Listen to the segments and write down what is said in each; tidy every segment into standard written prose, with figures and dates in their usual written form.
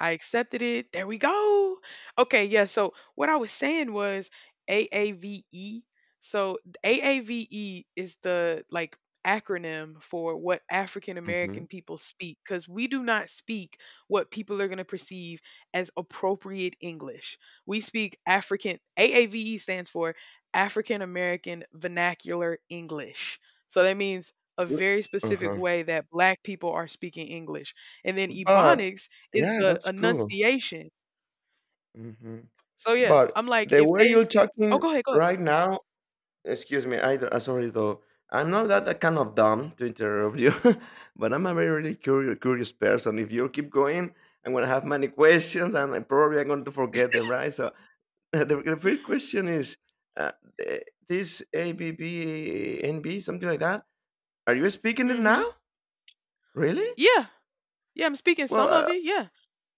I accepted it. There we go. Okay, yeah. So what I was saying was AAVE. So AAVE is the acronym for what African Mhm. American people speak because we do not speak what people are going to perceive as appropriate English. We speak African, AAVE stands for African American Vernacular English. So that means a L very specific Uh-huh. way that black people are speaking English. And then But Ebonics is yeah, the that's cool. enunciation. Mhm. So yeah, But I'm like, the if way they, you're oh, talking go ahead, go right now, excuse me, I d sorry though. I'm not that kind of dumb to interrupt you, but I'm a very, really curious person. If you keep going, I'm gonna have many questions, and I probably I'm going to forget them, right? So, the first question is, uh, eh, this ABBNB, something like that, are you speaking it ahead. hmm now? Really? Yeah, yeah, I'm speaking Well, some of uh it. Yeah,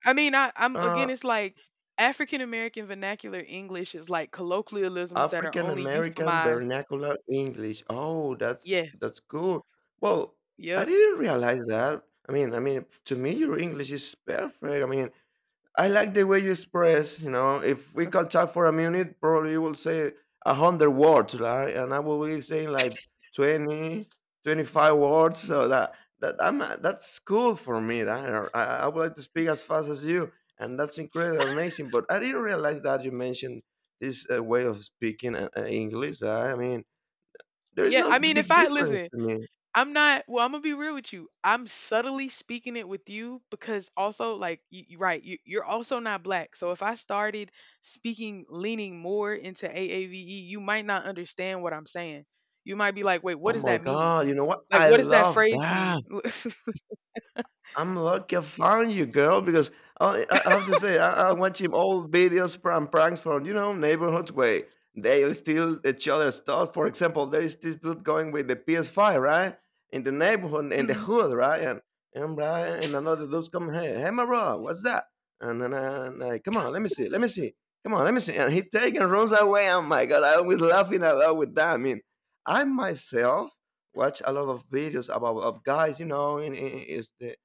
I mean, I'm uh again, it's like African American vernacular English is like colloquialisms that are African only American euphemized. Vernacular English. Oh, that's Yeah, that's cool. Well, I yep, didn't realize that. I mean, to me, your English is perfect. I mean, I like the way you express. You know, if we can talk for a minute, probably you will say 100 words, right? And I will be saying like 20, 25 words. So that I'm that's cool for me. That I would like to speak as fast as you, and that's incredible, amazing. But I didn't realize that you mentioned this way of speaking English. Right? I mean, there is yeah. no I mean, if big I difference listen, to me. I'm not well, I'm gonna be real with you. I'm subtly speaking it with you because also like you, you're also not black. So if I started speaking leaning more into AAVE, you might not understand what I'm saying. You might be like, wait, what Oh does my that mean? god! You know what? Like I what does that love phrase mean? that. I'm lucky I found you, girl, because I have to say, I watching old videos from pranks from, you know, neighborhood way. They steal each other's stuff. For example, there is this dude going with the PS5, right? In the neighborhood, in the Mhm. hood, right? And, right, and another dude's coming, hey, hey, Mara, what's that? And then I, come on, let me see, let me see. Come on, let me see. And he take and runs away. Oh my God, I was laughing a lot with that. I mean, I myself watch a lot of videos about of guys, you know, is the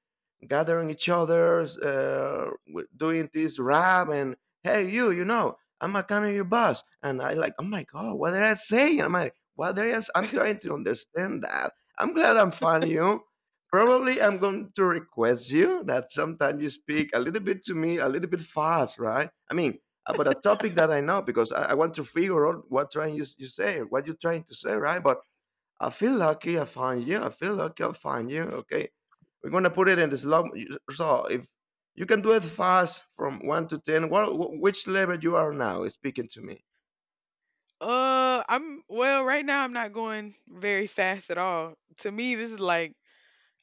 gathering each other, doing this rap and hey, you know, I'm a coming your boss, and I like, oh my god, what did I say? I'm like, what did I s- I'm trying to understand that. I'm glad I'm finding you. Probably I'm going to request you that sometimes you speak a little bit to me, a little bit fast, right? I mean, about a topic that I know because I want to figure out what trying you say, what you're trying to say, right? But I feel lucky I find you. I feel lucky I find you. Okay. We're gonna put it in this log. So if you can do it fast from 1 to 10, which level you are now is speaking to me? I'm well. Right now, I'm not going very fast at all. To me, this is like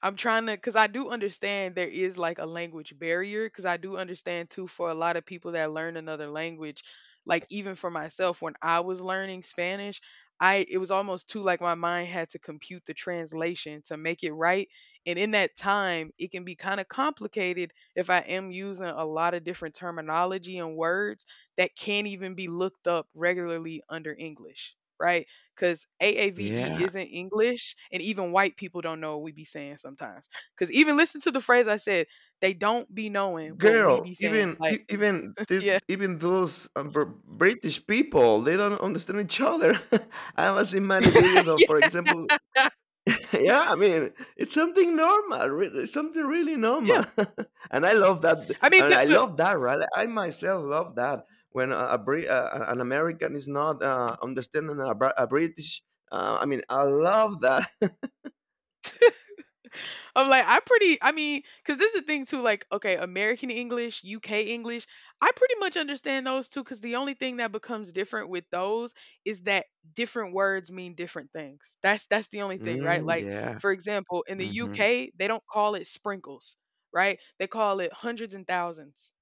I'm trying to, because I do understand there is like a language barrier, because I do understand too for a lot of people that learn another language, like even for myself, when I was learning Spanish, I it was almost too like my mind had to compute the translation to make it right. And in that time, it can be kind of complicated if I am using a lot of different terminology and words that can't even be looked up regularly under English, right? 'Cause AAVE Yeah, isn't English, and even white people don't know what we be saying sometimes. Cause even listen to the phrase I said, they don't be knowing what we girl. be saying, Even like e- even th- yeah, even those British people, they don't understand each other. I have seen many videos of, for example, yeah, yeah, I mean, it's something normal, it's something really yeah. normal, and I love that, I mean, and I but love that, right? I myself love that when a Brit, an American is not understanding a British. I mean, I love that. I'm like, I mean, because this is the thing too, like, okay, American English, UK English, I pretty much understand those too, because the only thing that becomes different with those is that different words mean different things. That's the only thing, right? Like, yeah. for example, in the hmm UK, they don't call it sprinkles, right? They call it hundreds and thousands.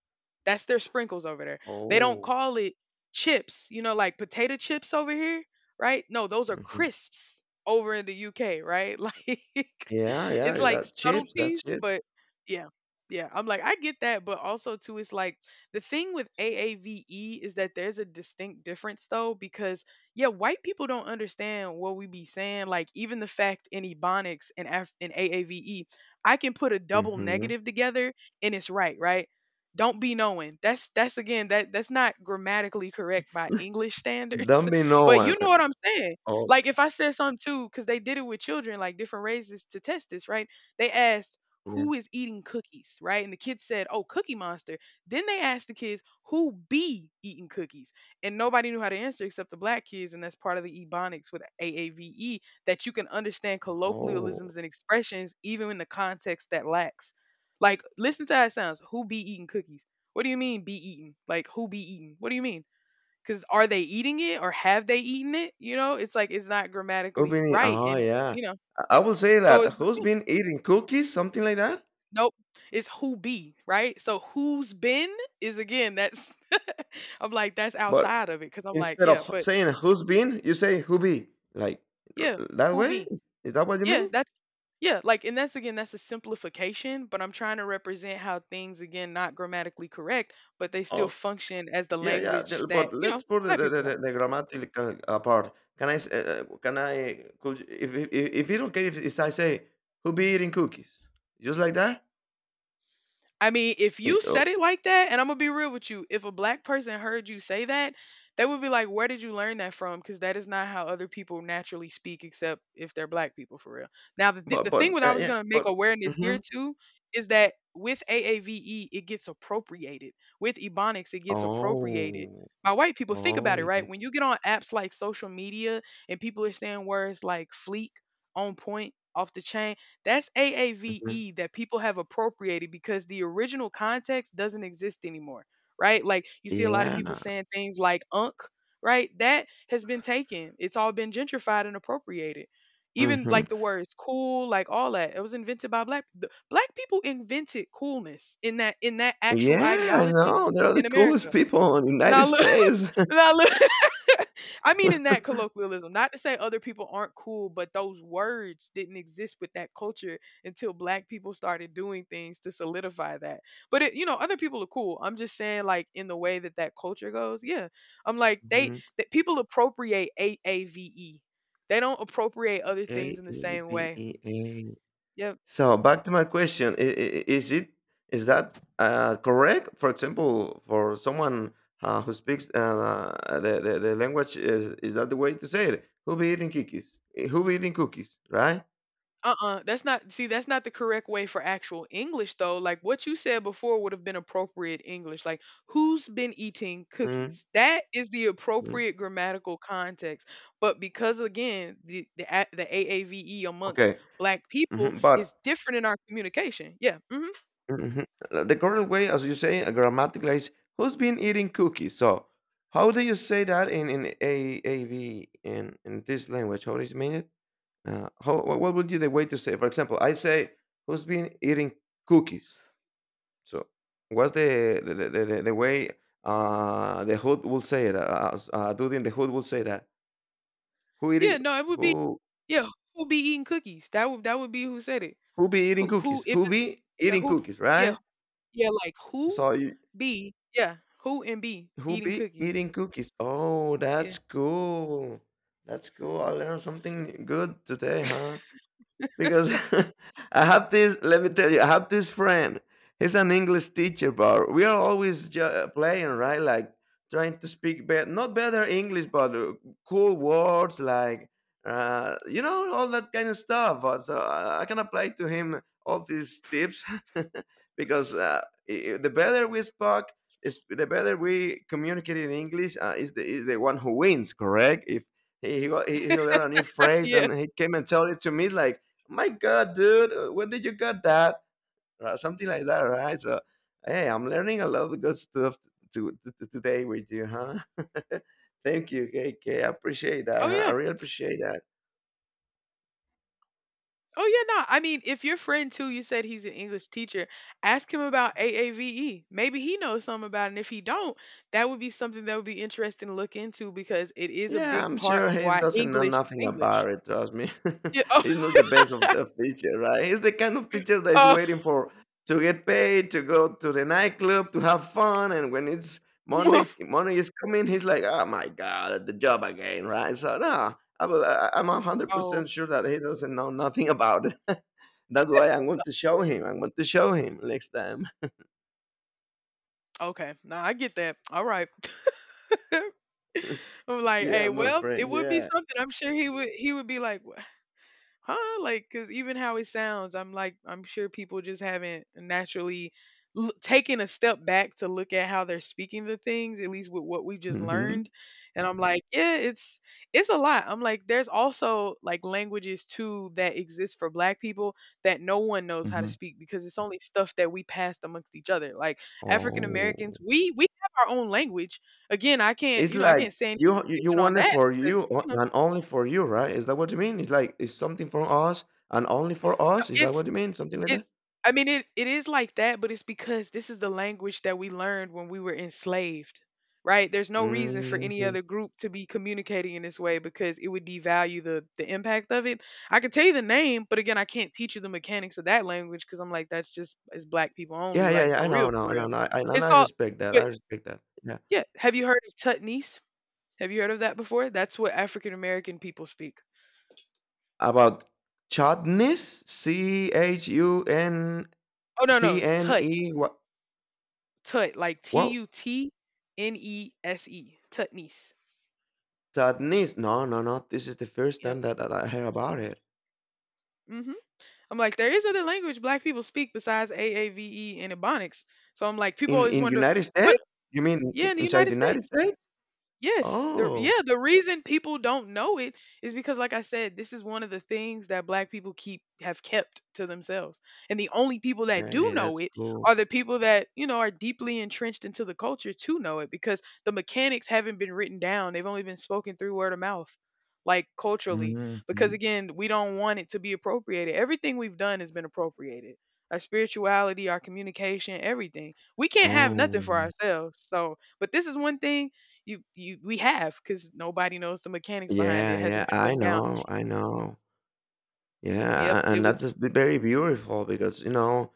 That's their sprinkles over there. They don't Oh. call it chips, you know, like potato chips over here, right? No, those are hmm crisps over in the UK, right? Like Yeah, it's yeah. like That chips. That subtleties, chips. but yeah. Yeah, I'm like I get that, but also too it's like the thing with AAVE is that there's a distinct difference though because yeah, white people don't understand what we be saying. Like even the fact in Ebonics and in AAVE, I can put a double hmm negative together and it's right, right? Don't be knowing. That's again that's not grammatically correct by English standards, Don't be no but one. you know what I'm saying. Oh, Like if I said something too, because they did it with children, like different races to test this, right? They asked yeah. who is eating cookies, right? And the kids said, "Oh, Cookie Monster." Then they asked the kids who be eating cookies, and nobody knew how to answer except the black kids, and that's part of the ebonics with AAVE that you can understand Oh. colloquialisms and expressions even in the context that lacks. Like, listen to how it sounds. Who be eating cookies? What do you mean be eating? Like, who be eating? What do you mean? Because are they eating it or have they eaten it? You know, it's like it's not grammatically right. Oh, And, yeah. you know, I will say so that. it's Who's yeah, been eating cookies? Something like that. nope, it's who be, right? So who's been is again, that's, I'm like, that's But outside of it. Cause I'm like, instead yeah, of but saying who's been, you say who be. Like yeah, that who way? be? Is that what you Yeah, mean? that's yeah, like and that's again that's a simplification, but I'm trying to represent how things again not grammatically correct, but they still Oh, function as the yeah, yeah. language that, But you know, let's put the, black the, the, people have. the the grammatical apart. Can I? Could you if it's okay if I say who be eating cookies, just like that? I mean, if you Oh, said it like that, and I'm gonna be real with you, if a black person heard you say that, they would be like, "Where did you learn that from?" Because that is not how other people naturally speak, except if they're black people for real. Now, the th- the thing but what I was yeah, gonna make but. awareness here Mhm. too is that with AAVE, it gets appropriated. With Ebonics, it gets appropriated Oh, by white people. Think oh about it, right? yeah, When you get on apps like social media and people are saying words like "fleek," "on point," "off the chain." That's hmm AAVE that people have appropriated because the original context doesn't exist anymore, right? Like you see a lot of yeah, people saying things like "unk," right? That has been taken. It's all been gentrified and appropriated. Even hmm like the words "cool," like all that, it was invented by black people invented coolness in that actual yeah. I ideology know they're the in America. coolest people in the Now United look, States. now look. I mean in that colloquialism, not to say other people aren't cool, but those words didn't exist with that culture until black people started doing things to solidify that. But it, you know, other people are cool. I'm just saying like in the way that that culture goes, yeah. I'm like they that people appropriate AAVE. They don't appropriate other A things in the A same B way. E A. Yeah. So back to my question, I is it is that correct? For example, for someone who speaks uh, the language, is that the way to say it? Who be eating cookies? Eh, who be eating cookies? Right? Uh-uh, that's not see, that's not the correct way for actual English though. Like what you said before would have been appropriate English. Like who's been eating mm cookies? That is the mm. appropriate grammatical context. But because again, the AAVE amongst Okay, black people is but different in our communication. Yeah. Hmm. mhm. The correct way, as you say, grammatically is who's been eating cookies? So how do you say that in AAB in this language? How do you mean it? How wha what would be the way to say, for example, I say, "Who's been eating cookies?" So, what's the way, the hood will say it, dude in the hood will say that, "Who eat Yeah, it no, it would be who yeah, who be eating cookies? That would be who said it. who be eating Who cookies? if Who it, be yeah, eating who cookies?" yeah, Right? yeah, like who So you be yeah, who and be "Who eating be cookies. eating cookies?" Oh, Yeah. that's cool. That's cool. I learned something good today, huh? Because I have this. Let me tell you, I have this friend. He's an English teacher, but we are always playing, right? Like trying to speak better, not better English, but cool words like you know, all that kind of stuff. But so I can apply to him all these tips because the better we spoke. Is the better we communicate in English is the one who wins, correct? If he he learned a new phrase Yeah. and he came and told it to me like my god dude when did you get that? Something like that, right? So hey, I'm learning a lot of good stuff to today with you, huh? Thank you, kk, I appreciate that, Oh huh? I yeah. really appreciate that. Oh yeah, no. I mean, if your friend too, you said he's an English teacher, ask him about AAVE. Maybe he knows something about it. And if he don't, that would be something that would be interesting to look into because it is a Yeah, big I'm part sure of he why doesn't know English is nothing English. about it, trust me. Yeah. Oh, He's not the best of the teacher, right? He's the kind of teacher that is oh, waiting for to get paid, to go to the nightclub, to have fun, and when it's Monday Monday is coming, he's like, "Oh my god, the job again," right? So no, I'm oh, 100% sure that he doesn't know nothing about it. That's why I'm going to show him. I'm going to show him next time. okay. No, I get that. All right. I'm like, Yeah, hey, my well, it friend. would be Yeah. something. I'm sure he would be like, huh? Like, because even how it sounds, I'm like, I'm sure people just haven't naturally taken a step back to look at how they're speaking the things, at least with what we just Mhm. learned. And I'm like, yeah, it's a lot. I'm like, there's also like languages too that exist for Black people that no one knows how to Mhm. speak because it's only stuff that we passed amongst each other. Like African Oh. Americans, we have our own language. Again, I can't, It's you know, I like can't say any you information on want it that for because you you know, and only for you, right? Is that what you mean? It's like it's something for us and only for no, us. Is that it's what you mean? Something like It's that? I mean, it is like that, but it's because this is the language that we learned when we were enslaved, right? There's no reason for any hmm other group to be communicating in this way because it would devalue the impact of it. I could tell you the name, but again, I can't teach you the mechanics of that language because I'm like, that's just it's black people only, Yeah, yeah, like yeah. I for know, real, no, for real. no, no. And It's I called, respect that. I but respect that. Yeah. yeah, have you heard of Tutnese? Have you heard of that before? That's what African American people speak. About chutneys, C H U N Oh no, no, T N Tut, E. What? Tut, like T What? U T N E S E, Tutnese. Chutneys? No, no, no. This is the first Yep. time that, I heard about it Hmm. I'm like, there is other language black people speak besides AAVE and Ebonics. So I'm like, people always in wonder United States. what. You mean Yeah, in the inside United the United States. States? Yes. The Oh, yeah, the reason people don't know it is because like I said, this is one of the things that black people keep have kept to themselves. And the only people that do hey, know that's it cool. are the people that, you know, are deeply entrenched into the culture to know it because the mechanics haven't been written down. They've only been spoken through word of mouth, like culturally, because Mhm. again, we don't want it to be appropriated. Everything we've done has been appropriated. Our spirituality, our communication, everything. We can't have nothing Oh, for ourselves. So, but this is one thing you we have, cause nobody knows the mechanics behind it. It yeah, hasn't yeah, been I written down. know, I know. Yeah, Yep, it and that's was just very beautiful because, you know,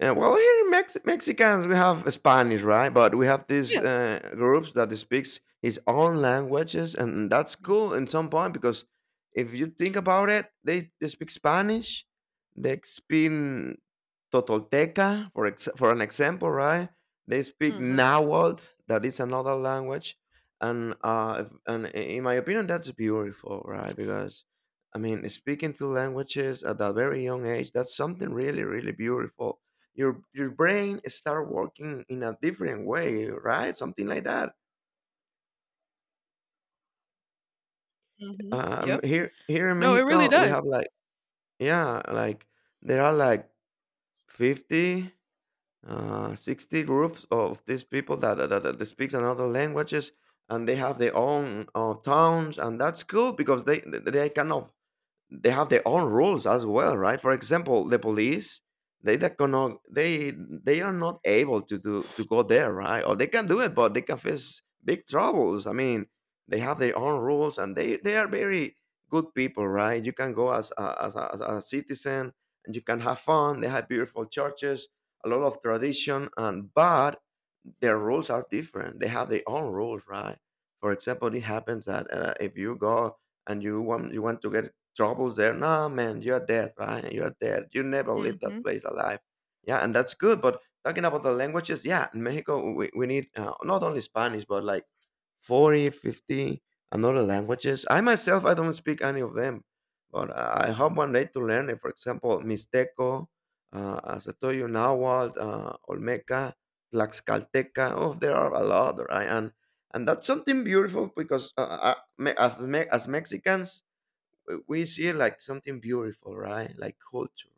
well, here in Mexicans, we have Spanish, right? But we have these yeah. Groups that speaks his own languages, and that's cool in some point because if you think about it, they speak Spanish, they speak Totolteca, for for an example, right? They speak Mhm, Nahuatl, that is another language, and and in my opinion, that's beautiful, right? Because I mean, speaking 2 languages at a very young age, that's something really, really beautiful. Your brain start working in a different way, right? Something like that. mhm. Yep. Here in No, it really Mexico, we does. have like yeah, like there are like 50 60 groups of these people that speaks another languages, and they have their own towns, and that's cool because they cannot they have their own rules as well, right? For example, the police they that cannot they they are not able to do to go there, right? Or they can do it, but they can face big troubles. I mean, they have their own rules, and they are very good people, right? You can go as as a citizen, and you can have fun. They have beautiful churches, a lot of tradition, and but their rules are different. They have their own rules, right? For example, it happens that if you go and you want to get troubles there. Nah, man, you're dead, right? You're dead. You never leave that Mhm, place alive. Yeah, and that's good. But talking about the languages, yeah, in Mexico, we need not only Spanish, but like 40, 50, another languages. I myself, I don't speak any of them, but I hope one day to learn it. For example, Mixteco, as I told you, Nahuatl, Olmeca, Tlaxcalteca. Oh, there are a lot, right? And that's something beautiful because as Mexicans, we see like something beautiful, right? Like culture,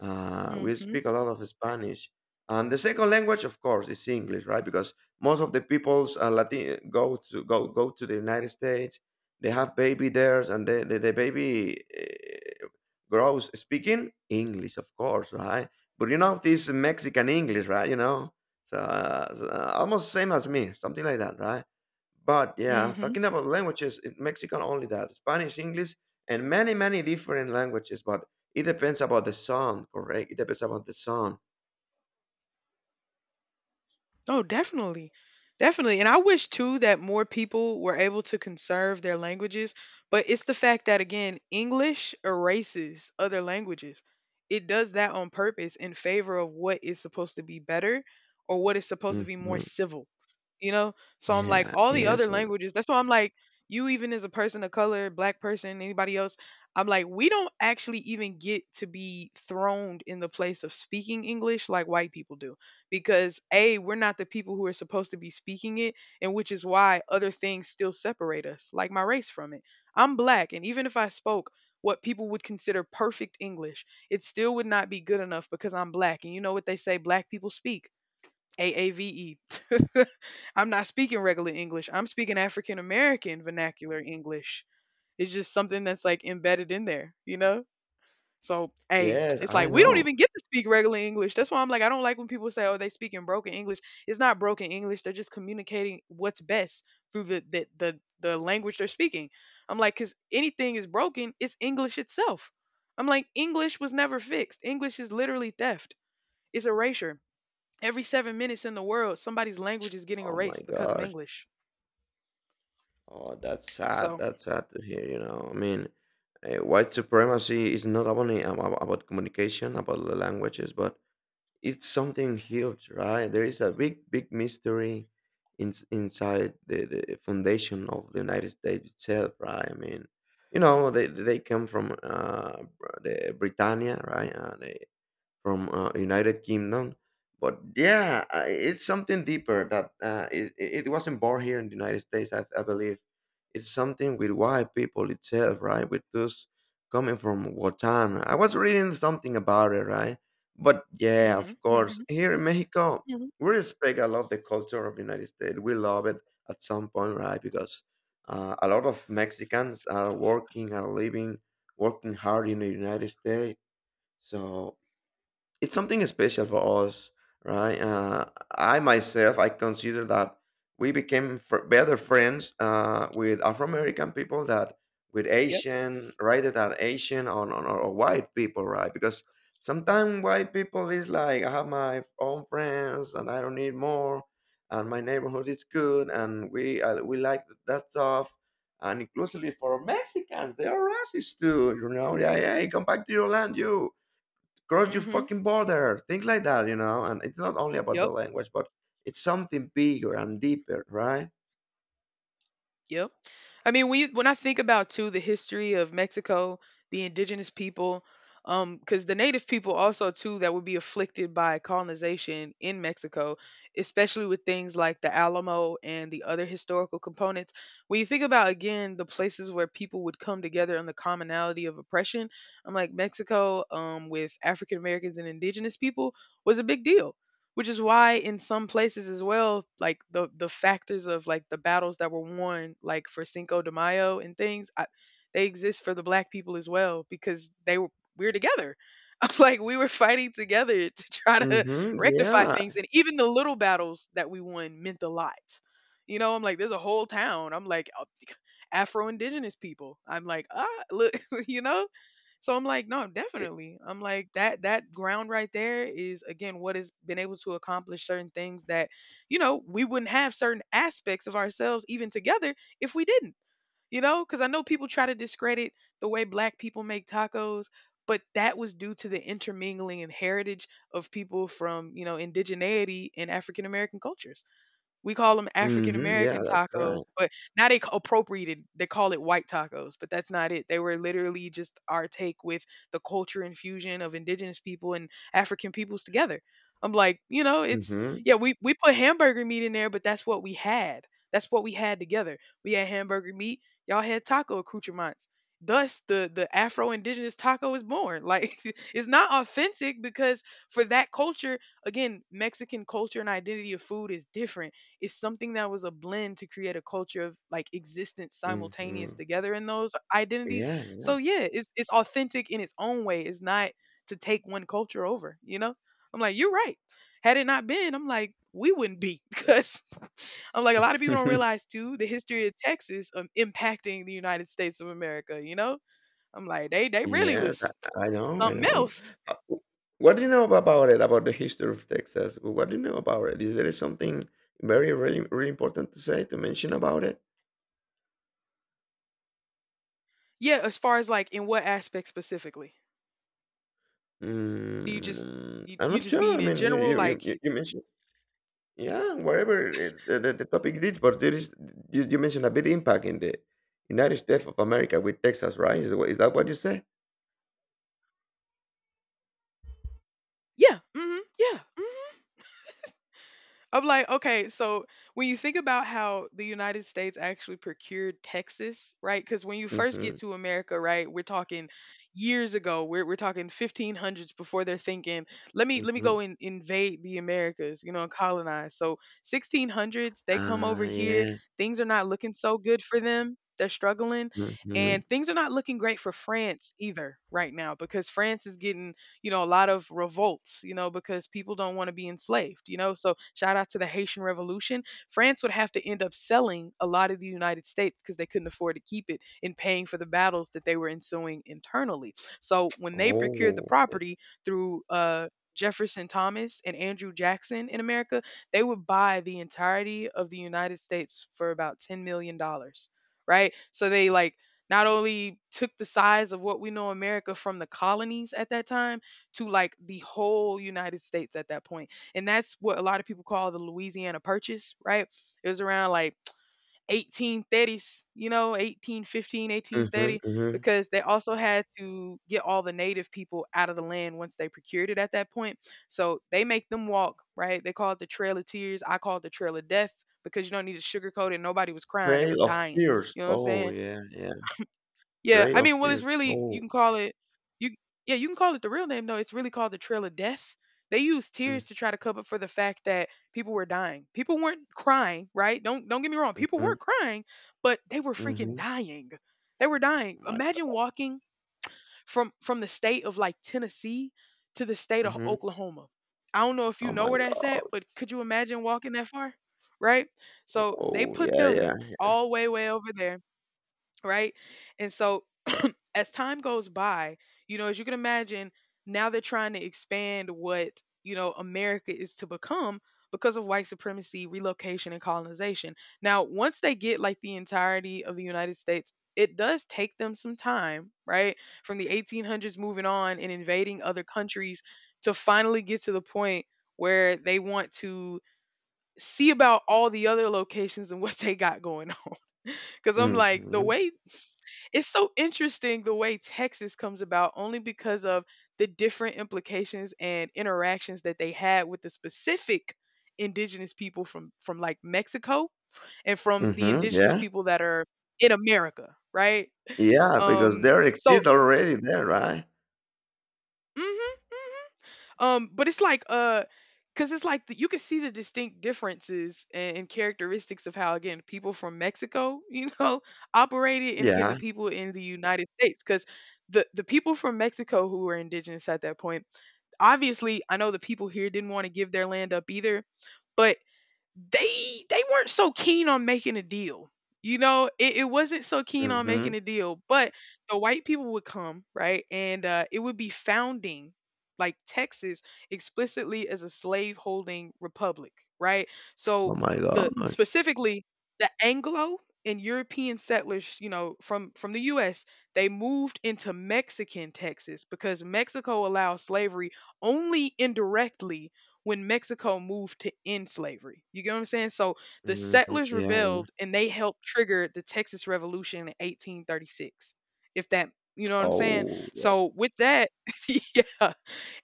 we mhm, speak a lot of Spanish. And the second language, of course, is English, right? Because most of the peoples Latin go to go to the United States. They have baby there, and the baby grows speaking English, of course, right? But you know this Mexican English, right? You know, almost same as me, something like that, right? But yeah, mhm. talking about languages, Mexican only that Spanish, English, and many different languages. But it depends about the song, correct? It depends about the song. Oh, definitely. Definitely. And I wish too that more people were able to conserve their languages, but it's the fact that again, English erases other languages. It does that on purpose in favor of what is supposed to be better or what is supposed to be more Mhm. civil. You know? So I'm like Yeah. all the other Yes. Languages, that's why I'm like you even as a person of color, black person, anybody else, I'm like we don't actually even get to be thrown in the place of speaking English like white people do because a we're not the people who are supposed to be speaking it, and which is why other things still separate us like my race from it. I'm black, and even if I spoke what people would consider perfect English, it still would not be good enough because I'm black and you know what they say black people speak: AAVE. I'm not speaking regular English, I'm speaking African American Vernacular English. It's just something that's like embedded in there, you know. So, hey, Yes, it's like I we don't know. even get to speak regular English. That's why I'm like, I don't like when people say, "Oh, they speak in broken English." It's not broken English. They're just communicating what's best through the language they're speaking. I'm like, because anything is broken, it's English itself. I'm like, English was never fixed. English is literally theft. It's erasure. Every 7 minutes in the world, somebody's language is getting Oh my erased because of gosh. English. Oh, that's sad. So, That's sad to hear, you know. I mean, white supremacy is not only about communication, about the languages, but it's something huge, right? There is a big mystery inside the foundation of the United States itself, right? I mean, you know, they come from the Britannia, right? The from United Kingdom. But yeah, it's something deeper that it wasn't born here in the United States. I believe it's something with white people itself, right? With those coming from Watam. I was reading something about it, right? But yeah, of hmm course, hmm here in Mexico, hmm we respect a lot of the culture of the United States. We love it at some point, right? Because a lot of Mexicans are working, are living, working hard in the United States. So it's something special for us, right? I myself, I consider that we became better friends with Afro American people that with yep, Asian, rather than Asian or white people, right? Because sometimes white people is like, I have my own friends and I don't need more, and my neighborhood is good, and we like that stuff and inclusively for Mexicans, they are racist too. You know, yeah, hey, come back to your land, you cross your hmm fucking border, things like that, you know. And it's not only about the yep. language, but it's something bigger and deeper, right? Yep. I mean, when you, when I think about too the history of Mexico, the indigenous people, because the native people also too that would be afflicted by colonization in Mexico, especially with things like the Alamo and the other historical components. When you think about again the places where people would come together and the commonality of oppression, I'm like Mexico, with African Americans and indigenous people was a big deal, which is why in some places as well like the factors of like the battles that were won like for Cinco de Mayo and things they exist for the black people as well because they were, we are together. I'm like we were fighting together to try to Mm-hmm. rectify things, Yeah. and even the little battles that we won meant a lot, you know. I'm like there's a whole town, I'm like Afro indigenous people, I'm like, ah, look, you know. So I'm like, no, It, definitely. I'm like that ground right there is again what has been able to accomplish certain things that, you know, we wouldn't have certain aspects of ourselves even together if we didn't. You know, cuz I know people try to discredit the way black people make tacos, but that was due to the intermingling and heritage of people from, you know, indigeneity and African American cultures. We call them African mm-hmm. Yeah, American that's tacos, right. but now they appropriated. They call it white tacos, but that's not it. They were literally just our take with the culture infusion of indigenous people and African peoples together. I'm like, you know, it's, Mm-hmm. yeah, we put hamburger meat in there, but that's what we had. That's what we had together. We had hamburger meat. Y'all had taco accoutrements. Thus, the Afro indigenous taco is born. Like, it's not authentic because for that culture, again, Mexican culture and identity of food is different, is something that was a blend to create a culture of like existence simultaneous Mm-hmm. together in those identities. Yeah. yeah. So yeah, it's authentic in its own way. It's not to take one culture over, you know? I'm like, you're right. Had it not been, I'm like, we wouldn't be, because I'm like a lot of people don't realize too the history of Texas impacting the United States of America, you know? I'm like, they they really yes, was I know. I something know. else. Uh, w- What do you know about it? About the history of Texas? What do you know about it? Is there something really important to say to mention about it? Yeah, as far as like in what aspect specifically? Do you just Mm, I'm you not just sure. mean I in mean, general, like, you mentioned. Yeah, whatever it, the topic is, but there is you mentioned a big impact in the United States of America with Texas, right? Is that what you say? Yeah. Yeah. I'm like, okay, so when you think about how the United States actually procured Texas, right? Because when you first Mm-hmm, get to America, right, we're talking years ago. We're talking 1500s before they're thinking, let me mm-hmm. go and invade the Americas, you know, and colonize. So 1600s, they come Ah, over here. yeah. Things are not looking so good for them. They're struggling, Mm-hmm. and things are not looking great for France either right now because France is getting, you know, a lot of revolts, you know, because people don't want to be enslaved, you know. So shout out to the Haitian Revolution. France would have to end up selling a lot of the United States because they couldn't afford to keep it in paying for the battles that they were ensuing internally. So when they procured the Oh, property through Jefferson Thomas and Andrew Jackson in America, they would buy the entirety of the United States for about $10 million, dollars, right? So they like not only took the size of what we know America from the colonies at that time, to like the whole United States at that point. And that's what a lot of people call the Louisiana Purchase, right? It was around like 1830s, you know, 1815, mm-hmm, 1830, mm-hmm. because they also had to get all the native people out of the land once they procured it at that point. So they make them walk, right? They call it the Trail of Tears. I call it the Trail of Death because you don't need to sugarcoat it. Nobody was crying, they was Trail of dying. Tears. You know what I'm Oh, saying? yeah, yeah. Yeah, I Trail mean, of well, it's Tears. really Oh, you can call it, you yeah, you can call it the real name though. It's really called the Trail of Death. They used mm-hmm, tears to try to cover for the fact that people were dying. People weren't crying, right? Don't get me wrong. People were mm-hmm. crying, but they were freaking Mm-hmm. dying. They were dying. Oh My, Imagine walking from the state of like Tennessee to the state of mm-hmm. Oklahoma. I don't know if you Oh know my where that's at, God. but could you imagine walking that far? Right? So they Oh, put yeah, them yeah. all way over there, right? And so as time goes by, you know, as you can imagine, now they're trying to expand what, you know, America is to become because of white supremacy, relocation, and colonization. Now, once they get like the entirety of the United States, it does take them some time, right? From the 1800s moving on and invading other countries to finally get to the point where they want to see about all the other locations and what they got going on. Cause I'm like, the Mm-hmm, way it's so interesting the way Texas comes about only because of the different implications and interactions that they had with the specific indigenous people from like Mexico and from the mm-hmm. indigenous Yeah, people that are in America, right? yeah. Because Um there so exists already there, right? mhm but it's like cause it's like you can see the distinct differences and characteristics of how again people from Mexico, you know, operated, and again the Yeah. people in the United States, cause the people from Mexico who were indigenous at that point, obviously, I know the people here didn't want to give their land up either, but they weren't so keen on making a deal. You know, it wasn't so keen on Mm-hmm. making a deal, but the white people would come, right? And it would be founding like Texas explicitly as a slave holding republic, right? Oh So my the gosh. specifically the Anglo and European settlers, you know, from the US, they moved into Mexican Texas because Mexico allowed slavery only indirectly when Mexico moved to end slavery. You get what I'm saying? So the Mhm. settlers Yeah, yeah. rebelled and they helped trigger the Texas Revolution in 1836. If that, you know what I'm saying? Oh, So with that, yeah.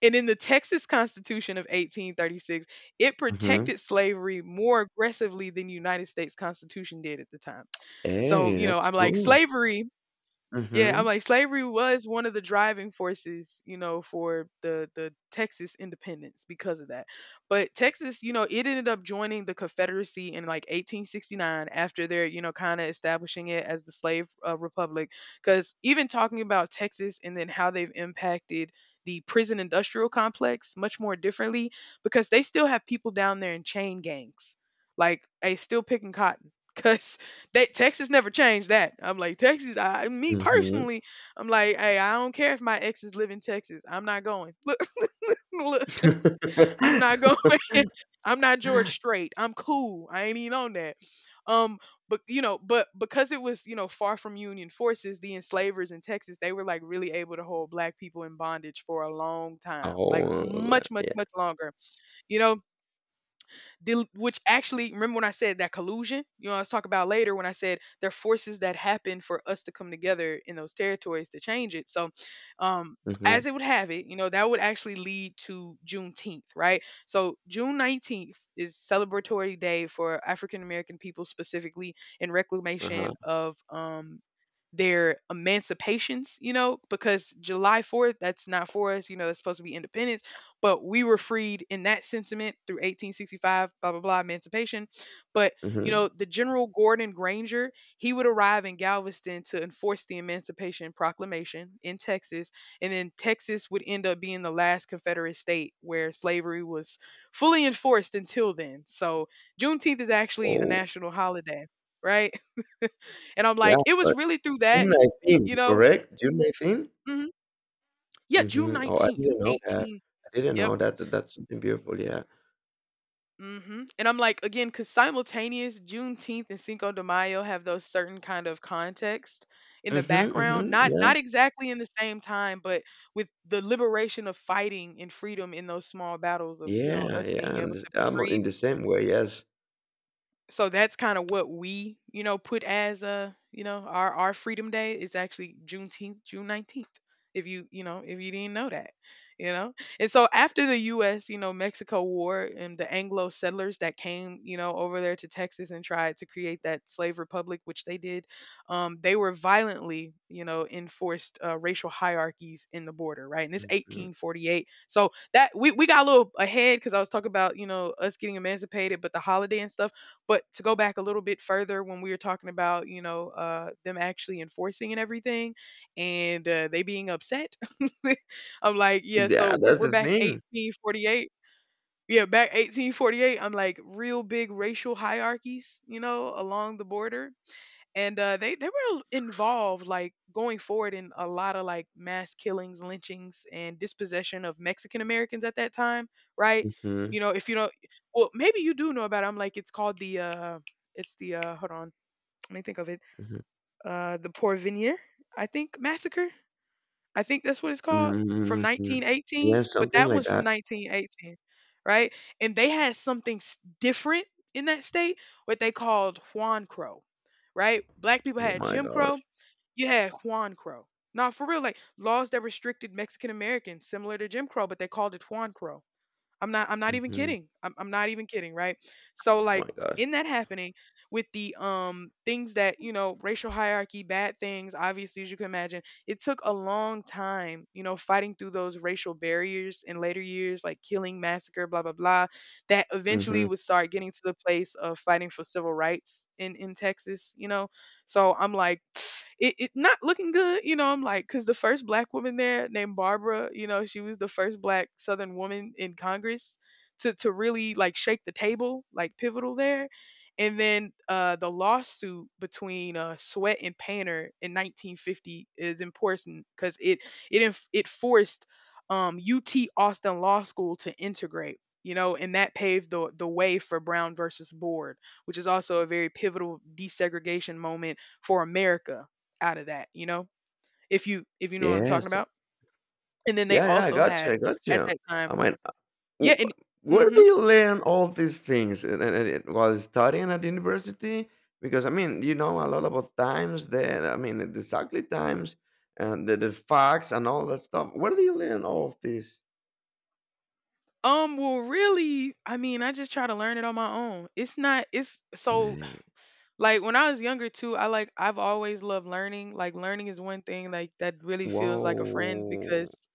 And in the Texas Constitution of 1836, it mhm. protected slavery more aggressively than the United States Constitution did at the time. So, Hey, you know, that's I'm like cool. slavery, yeah, I'm Mhm. like slavery was one of the driving forces, you know, for the Texas independence because of that. But Texas, you know, it ended up joining the Confederacy in like 1869 after they're, you know, kind of establishing it as the slave republic, cuz even talking about Texas and then how they've impacted the prison industrial complex much more differently because they still have people down there in chain gangs. Like, they still picking cotton cuz they, Texas never changed that. I'm like Texas. I me Mhm. personally, I'm like, hey, I don't care if my exes live in Texas. I'm not going. Look, look, I'm not going. I'm not George Strait. I'm cool. I ain't even on that. Um, but you know, but because it was you know far from Union forces, the enslavers in Texas they were like really able to hold black people in bondage for a long time, like Oh, much, much, yeah. much longer. You know, which actually, remember when I said that collusion, you know, I was talking about later when I said there are forces that happen for us to come together in those territories to change it. So, um, Mhm. as it would have it, you know, that would actually lead to Juneteenth, right? So June 19th is celebratory day for African American people specifically in reclamation Uh-huh. of their emancipations, you know, because July 4th, that's not for us, you know, that's supposed to be independence, but we were freed in that sentiment through 1865, blah blah blah, emancipation. But you Mhm. know, the general Gordon Granger, he would arrive in Galveston to enforce the Emancipation Proclamation in Texas, and then Texas would end up being the last Confederate state where slavery was fully enforced until then. So Juneteenth is actually a Oh, national holiday, right? And I'm yeah, like, it was but really through that, June 19th, you know. correct? June 19th? Hmm. Yeah, june Mhm. Oh, I 19th, didn't know that. 18. I didn't Yep. know that. That that's something beautiful, yeah. Mhm. And I'm like, again, because simultaneous Juneteenth and Cinco de Mayo have those certain kind of context in the Mhm, background, mhm. not Yeah. not exactly in the same time, but with the liberation of fighting and freedom in those small battles of, you know, Yeah, us yeah, being able and to be I'm freed. in the same way, yes. So that's kind of what we, you know, put as a, you know, our Freedom Day is actually Juneteenth, June 19th. If you, you know, if you didn't know that, you know. And so after the US, you know, Mexico War, and the Anglo settlers that came, you know, over there to Texas and tried to create that slave republic, which they did, they were violently, you know, enforced racial hierarchies in the border, right? And this Mhm. 1848. So that we got a little ahead because I was talking about, you know, us getting emancipated, but the holiday and stuff. But to go back a little bit further, when we were talking about, you know, them actually enforcing and everything, and they being upset, I'm like, yeah. So Yeah, that's we're the back thing. 1848. Yeah, back 1848. I'm like, real big racial hierarchies, you know, along the border, and they were involved, like going forward, in a lot of like mass killings, lynchings, and dispossession of Mexican Americans at that time, right? Mhm, You know, if you don't, well, maybe you do know about it. I'm like, it's called the, it's the, hold on, let me think of it, mhm. The Porvenir, I think, massacre. I think that's what it's called, from Mhm, mhm. 1918, Yeah, but something that like one's from that. 1918, right? And they had something different in that state, what they called Juan Crow, right? Black people Oh had my Jim Crow, gosh. you had Juan Crow. Now, for real, like laws that restricted Mexican Americans, similar to Jim Crow, but they called it Juan Crow. I'm not even Mhm. kidding. I'm not even kidding, right? So Oh my like, gosh. in that happening with the things that, you know, racial hierarchy, bad things, obviously as you can imagine, it took a long time, you know, fighting through those racial barriers in later years, like killing, massacre, blah blah blah, that eventually Mhm. would start getting to the place of fighting for civil rights in Texas, you know. So I'm like, it not looking good, you know. I'm like, because the first black woman there named Barbara, you know, she was the first black Southern woman in Congress to really like shake the table, like pivotal there. And then the lawsuit between Sweat and Painter in 1950 is important because it forced UT Austin Law School to integrate, you know, and that paved the way for Brown versus Board, which is also a very pivotal desegregation moment for America out of that, you know? If you know what I'm talking Yes. about. And then they Yeah, yeah, I also got you, I had got at you. that time, I mean, yeah, w and where do mhm. you learn all these things and while studying at university? Because, I mean, you know a lot about times that I mean, exactly times and the facts and all that stuff. Where do you learn all of this? Well really, I mean, I just try to learn it on my own. It's not, it's so Right. like when I was younger too, I like I've always loved learning. Like, learning is one thing like that really feels like a friend Whoa. because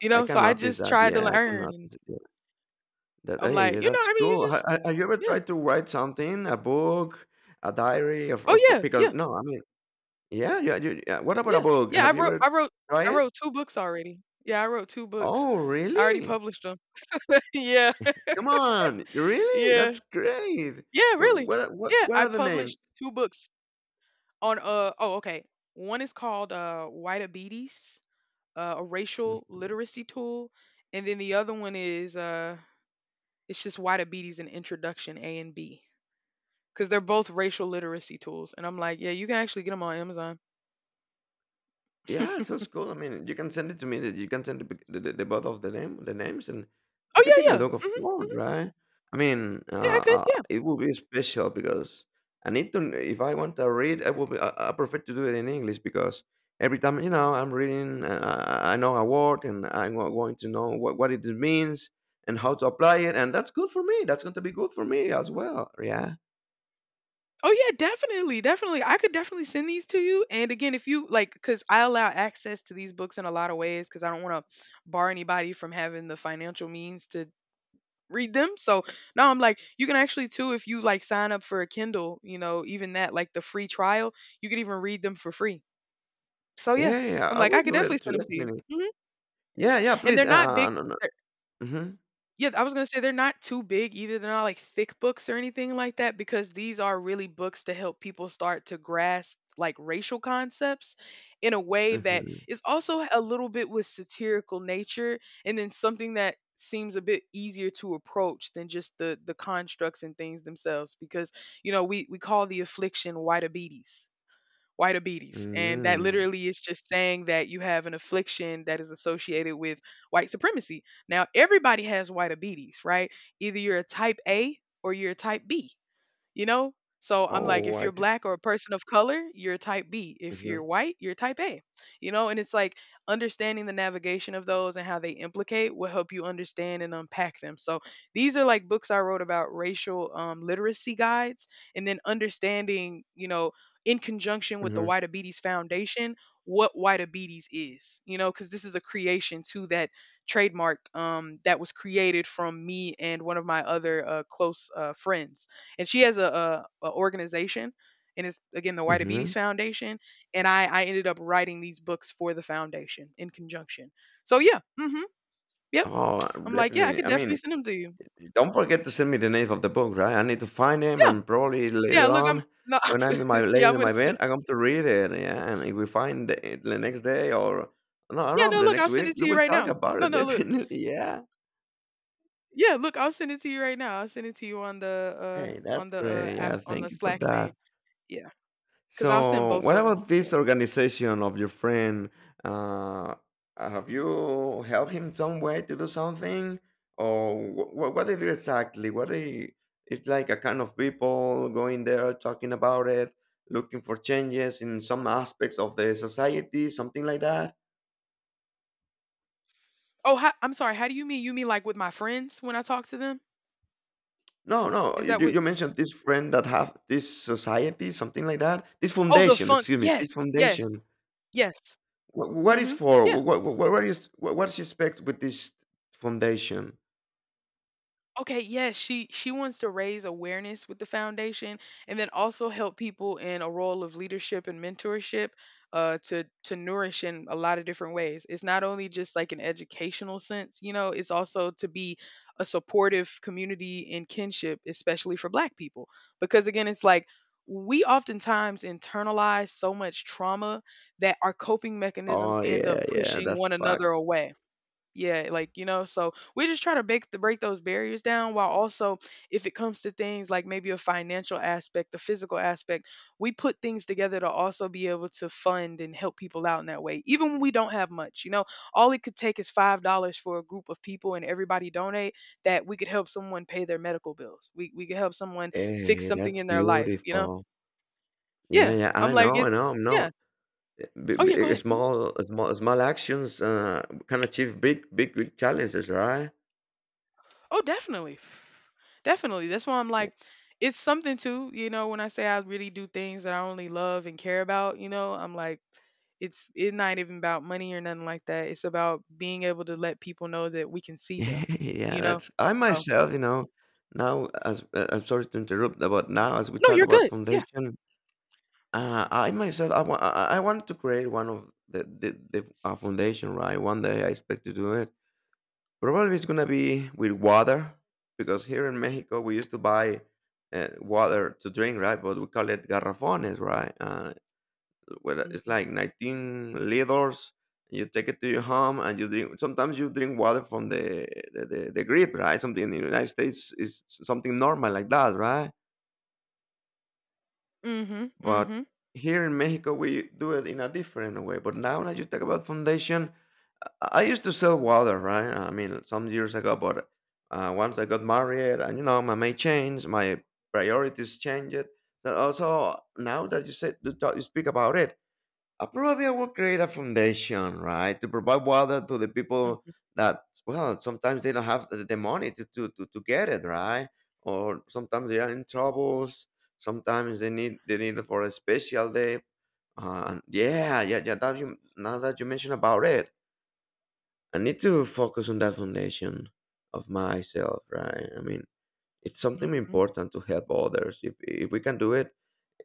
you I know, so can I notice just that. tried to Yeah, I can learn and notice it. That I'm hey, like, you know, that's I mean, you cool. Ha just ha have you ever yeah. tried to write something, a book, a diary, Oh of yeah, yeah, because no, I mean yeah. What about a yeah. book? Yeah, I Have you wrote I ever wrote tried I it? wrote two books already. Yeah, I wrote two books. Oh, I already really? published them. Yeah. Come on, really? Yeah. That's great. Yeah, What really. what what Yeah, what I are the names? published 2 books on, oh, okay. One is called, Whiteabetes, a racial literacy tool, and then the other one is, it's just White Whiteabetes and Introduction A and B because 'cause they're both racial literacy tools, and I'm like, "Yeah, you can actually get them on Amazon." Yeah, it sounds cool. I mean, you can send it to me. That You can send the both of the names, and Oh, I can take a yeah, yeah. look. Of Mhm, course, mhm. right? I mean, Yeah, I could, yeah. it will be special because I need to. If I want to read, I will. I prefer to do it in English because every time you know I'm reading, I know a word, and I'm going to know what it means and how to apply it, and that's good for me. That's going to be good for me as well. Yeah, Oh, yeah, definitely, definitely. I could definitely send these to you, and again, if you like, because I allow access to these books in a lot of ways, because I don't wanna bar anybody from having the financial means to read them. So now I'm like, you can actually too, if you like, sign up for a Kindle, you know, even that, like the free trial, you can even read them for free. So yeah, yeah. I'm I like, I will could do definitely it send too, them to you. definitely. Hmm. Yeah, yeah. And Please, they're not big. no, no. hmm Yeah, I was gonna say they're not too big either. They're not like thick books or anything like that, because these are really books to help people start to grasp like racial concepts in a way that hmm is also a little bit with satirical nature, and then something that seems a bit easier to approach than just the constructs and things themselves, because you know, we call the affliction whiteabetes, white obese. And that Mm. literally is just saying that you have an affliction that is associated with white supremacy. Now, everybody has white obese, right? Either you're a type A or you're a type B, you know? So I'm like, Oh, if I you're did black or a person of color, you're type B. If you're mhm, white, you're type A, you know? And it's like, understanding the navigation of those and how they implicate will help you understand and unpack them. So these are like books I wrote about racial literacy guides, and then understanding, you know, in conjunction with the mhm, White Abetes Foundation, what White Abetes is, you know, because this is a creation to that trademark that was created from me and one of my other close friends, and she has a organization, and it's again the White Diabetes mhm. Foundation, and I ended up writing these books for the foundation in conjunction. So yeah, mm mhm. Yep. Oh, I'm like, "Yeah, I definitely. could I definitely mean, send them to you." don't forget to send me the name of the book, right? I need to find him Yeah. and probably Yeah, later look, I'm on no, when I'm in my yeah, laying I'm in going my to bed, send. I come to read it, yeah, and if we find it the next day or no, I don't Yeah, know, no, the look, next I'll send week, it to we you will right talk now. about No, it no, look. definitely, yeah. Yeah, look, I'll send it to you right now. I'll send it to you Hey, on that's the great. app, Yeah, on the thank you for Slack thing. that. Yeah. Cuz I'll send So, both what of them. about Yeah. this organization of your friend? Uh, have you helped him some way to do something, or what they do exactly? What they? It's like a kind of people going there, talking about it, looking for changes in some aspects of the society, something like that. Oh, how, I'm sorry. How do you mean? You mean like with my friends when I talk to them? No, no, Is you, that you what. you mentioned this friend that have this society, something like that. This Oh, the foundation, funk, excuse me, yes, this yes, foundation. yes. What Mm. is Mhm. for? Yeah. What, what's expect with this foundation? Okay, yes, she wants to raise awareness with the foundation and then also help people in a role of leadership and mentorship, to nourish in a lot of different ways. It's not only just like an educational sense, you know, it's also to be a supportive community and kinship, especially for black people, because again, it's like we oftentimes internalize so much trauma that our coping mechanisms Oh end up yeah, yeah, pushing that's one another fact. away. Yeah, like you know, so we just try to break the break those barriers down, while also, if it comes to things like maybe a financial aspect, a physical aspect, we put things together to also be able to fund and help people out in that way, even when we don't have much, you know. All it could take is $5 for a group of people and everybody donate, that we could help someone pay their medical bills, we could help someone fix Hey, something that's in their life, you know. beautiful. Yeah, Yeah, I'm I like, know, it's I know. yeah. Oh, yeah, go ahead. Mm-hmm. Small, small actions can achieve big challenges, right? Oh, definitely. Definitely. That's why I'm Yeah, like, it's something too, you know, when I say I really do things that I only love and care about, you know, I'm like, it's not even about money or nothing like that. It's about being able to let people know that we can see them, yeah. you know? That's I So, myself, you know. Now, as I'm sorry to interrupt, but now as we no, talk you're about good. Yeah. foundation, I wanted to create one of the foundation, right? One day I expect to do it. Probably it's gonna be with water because here in Mexico we used to buy water to drink, right? But we call it garrafones, right? Where Mm it's hmm. like 19 liters. You take it to your home and you drink. Sometimes you drink water from the grip, right? Something in the United States is something normal like that, right? Mm But hmm. here in Mexico, we do it in a different way. But now that you talk about foundation, I used to sell water, right? I mean, some years ago, but once I got married, and you know, my mind changed, my priorities changed. So also, now that you said you, talk, you speak about it, probably I will create a foundation, right, to provide water to the people Hmm. that, well, sometimes they don't have the money to get it, right? Or sometimes they are in troubles. Sometimes they need it for a special day. Yeah. That you, now that you mentioned about it, I need to focus on that foundation of myself, right? I mean, it's something Hmm. important to help others. If we can do it,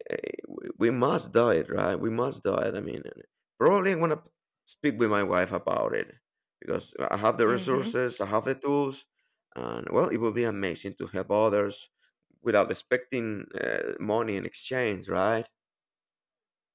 eh, we must do it, right? We must do it. I mean, and probably I'm gonna speak with my wife about it because I have the Mm hmm. resources, I have the tools, and well, it would be amazing to help others without expecting money in exchange, right?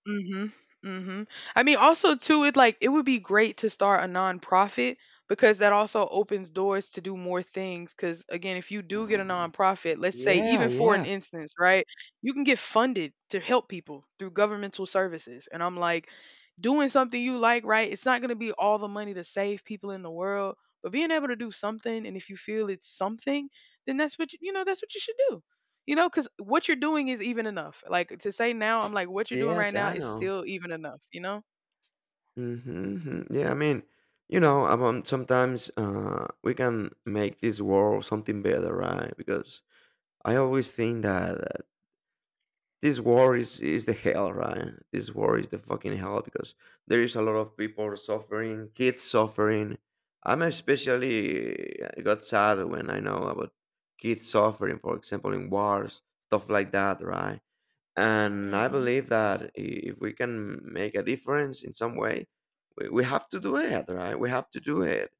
Mhm, mhm. I mean, also too, it like it would be great to start a nonprofit, because that also opens doors to do more things. Because again, if you do get a nonprofit, let's say Yeah, even for an yeah, instance, right, you can get funded to help people through governmental services. And I'm like, doing something you like, right? It's not gonna be all the money to save people in the world, but being able to do something, and if you feel it's something, then that's what that's what you should do. You know, because what you're doing is even enough. Like to say now, I'm like, what you're doing right yes, now I is know. still even enough, you know? Mm-hmm. Yeah, I mean, you know, sometimes we can make this world something better, right? Because I always think that this war is the hell, right? This war is the fucking hell because there is a lot of people suffering, kids suffering. I'm Especially I got sad when I know about kids suffering, for example, in wars, stuff like that, right? And I hmm believe that if we can make a difference in some way, we have to do it, right? We have to do it.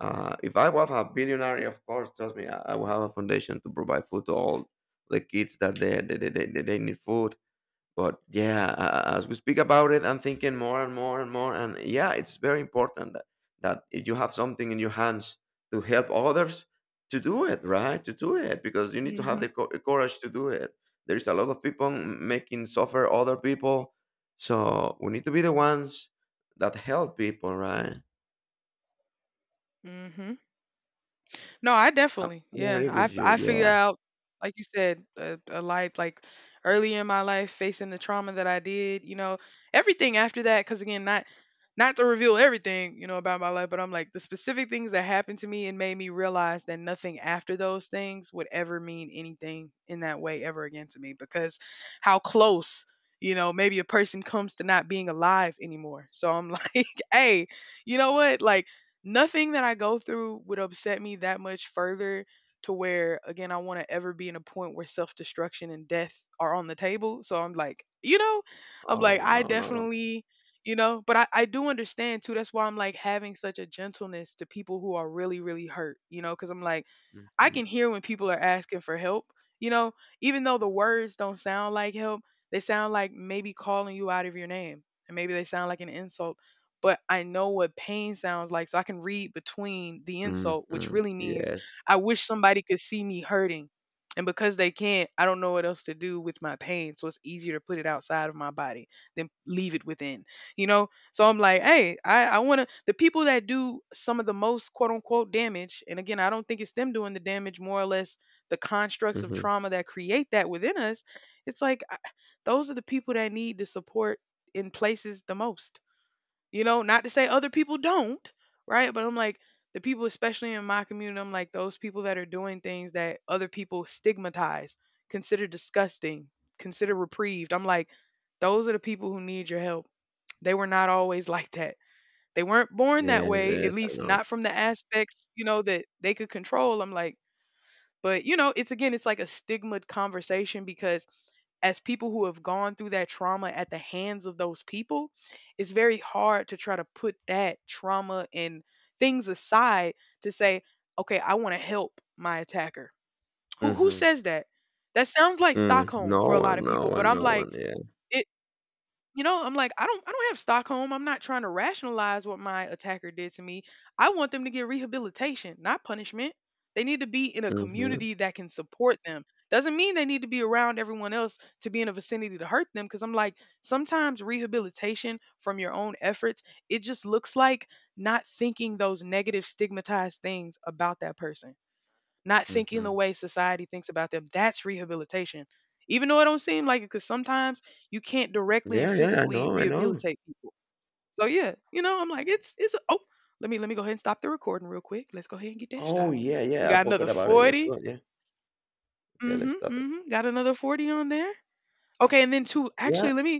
If I was a billionaire, of course, trust me, I will have a foundation to provide food to all the kids that they need food. But yeah, as we speak about it, I'm thinking more. And yeah, it's very important that if you have something in your hands to help others, to do it, right? To do it because you need to have hmm the courage to do it. There's a lot of people making suffer other people. So we need to be the ones that help people, right? hmm No, I definitely, I'm yeah. agree with you. I figured Yeah. out, like you said, a life like early in my life, facing the trauma that I did. You know, everything after that, because again, not to reveal everything you know about my life, but I'm like the specific things that happened to me and made me realize that nothing after those things would ever mean anything in that way ever again to me because how close. You know, maybe a person comes to not being alive anymore. So I'm like, hey, you know what? Like, nothing that I go through would upset me that much further to where again I want to ever be in a point where self-destruction and death are on the table. So I'm like, you know, I'm like Oh, I no, no. definitely, you know, but I do understand too. That's why I'm like having such a gentleness to people who are really hurt, you know, cuz I'm like I can hear when people are asking for help, you know, even though the words don't sound like help, they sound like maybe calling you out of your name, and maybe they sound like an insult. But I know what pain sounds like, so I can read between the hmm insult, which hmm really means Yes. I wish somebody could see me hurting. And because they can't, I don't know what else to do with my pain. So it's easier to put it outside of my body than leave it within. You know, so I'm like, hey, I want to. The people that do some of the most quote unquote damage, and again, I don't think it's them doing the damage, more or less the constructs of hmm trauma that create that within us. It's like I, those are the people that need the support in places the most. You know, not to say other people don't, right? But I'm like, the people, especially in my community, I'm like, those people that are doing things that other people stigmatize, consider disgusting, consider reprieved. I'm like, those are the people who need your help. They were not always like that. They weren't born that Yes, way, yes, at I least know. not from the aspects, you know, that they could control. I'm like, but you know, it's again, it's like a stigmaed conversation because as people who have gone through that trauma at the hands of those people, it's very hard to try to put that trauma and things aside to say, okay, I want to help my attacker. Who Hmm says that? That sounds like Mm, Stockholm for a lot of people, but I'm no like, one, yeah. it you know, I'm like, I don't have Stockholm. I'm not trying to rationalize what my attacker did to me. I want them to get rehabilitation, not punishment. They need to be in a Mhm, community that can support them. Doesn't mean they need to be around everyone else to be in a vicinity to hurt them because I'm like, sometimes rehabilitation from your own efforts, it just looks like not thinking those negative stigmatized things about that person, not thinking the mhm. way society thinks about them. That's rehabilitation. Even though it don't seem like it, because sometimes you can't directly and Yeah, yeah, I physically know, I know. rehabilitate people. So yeah, you know, I'm like, let me go ahead and stop the recording real quick. Let's go ahead and get that Oh, stopped. yeah, We yeah, I got another forgot about it. Let's 40. go, yeah. Okay, let's Mm-hmm. stop it. Mm-hmm. Got another 40 on there. Okay, and then two, Yeah. actually, let me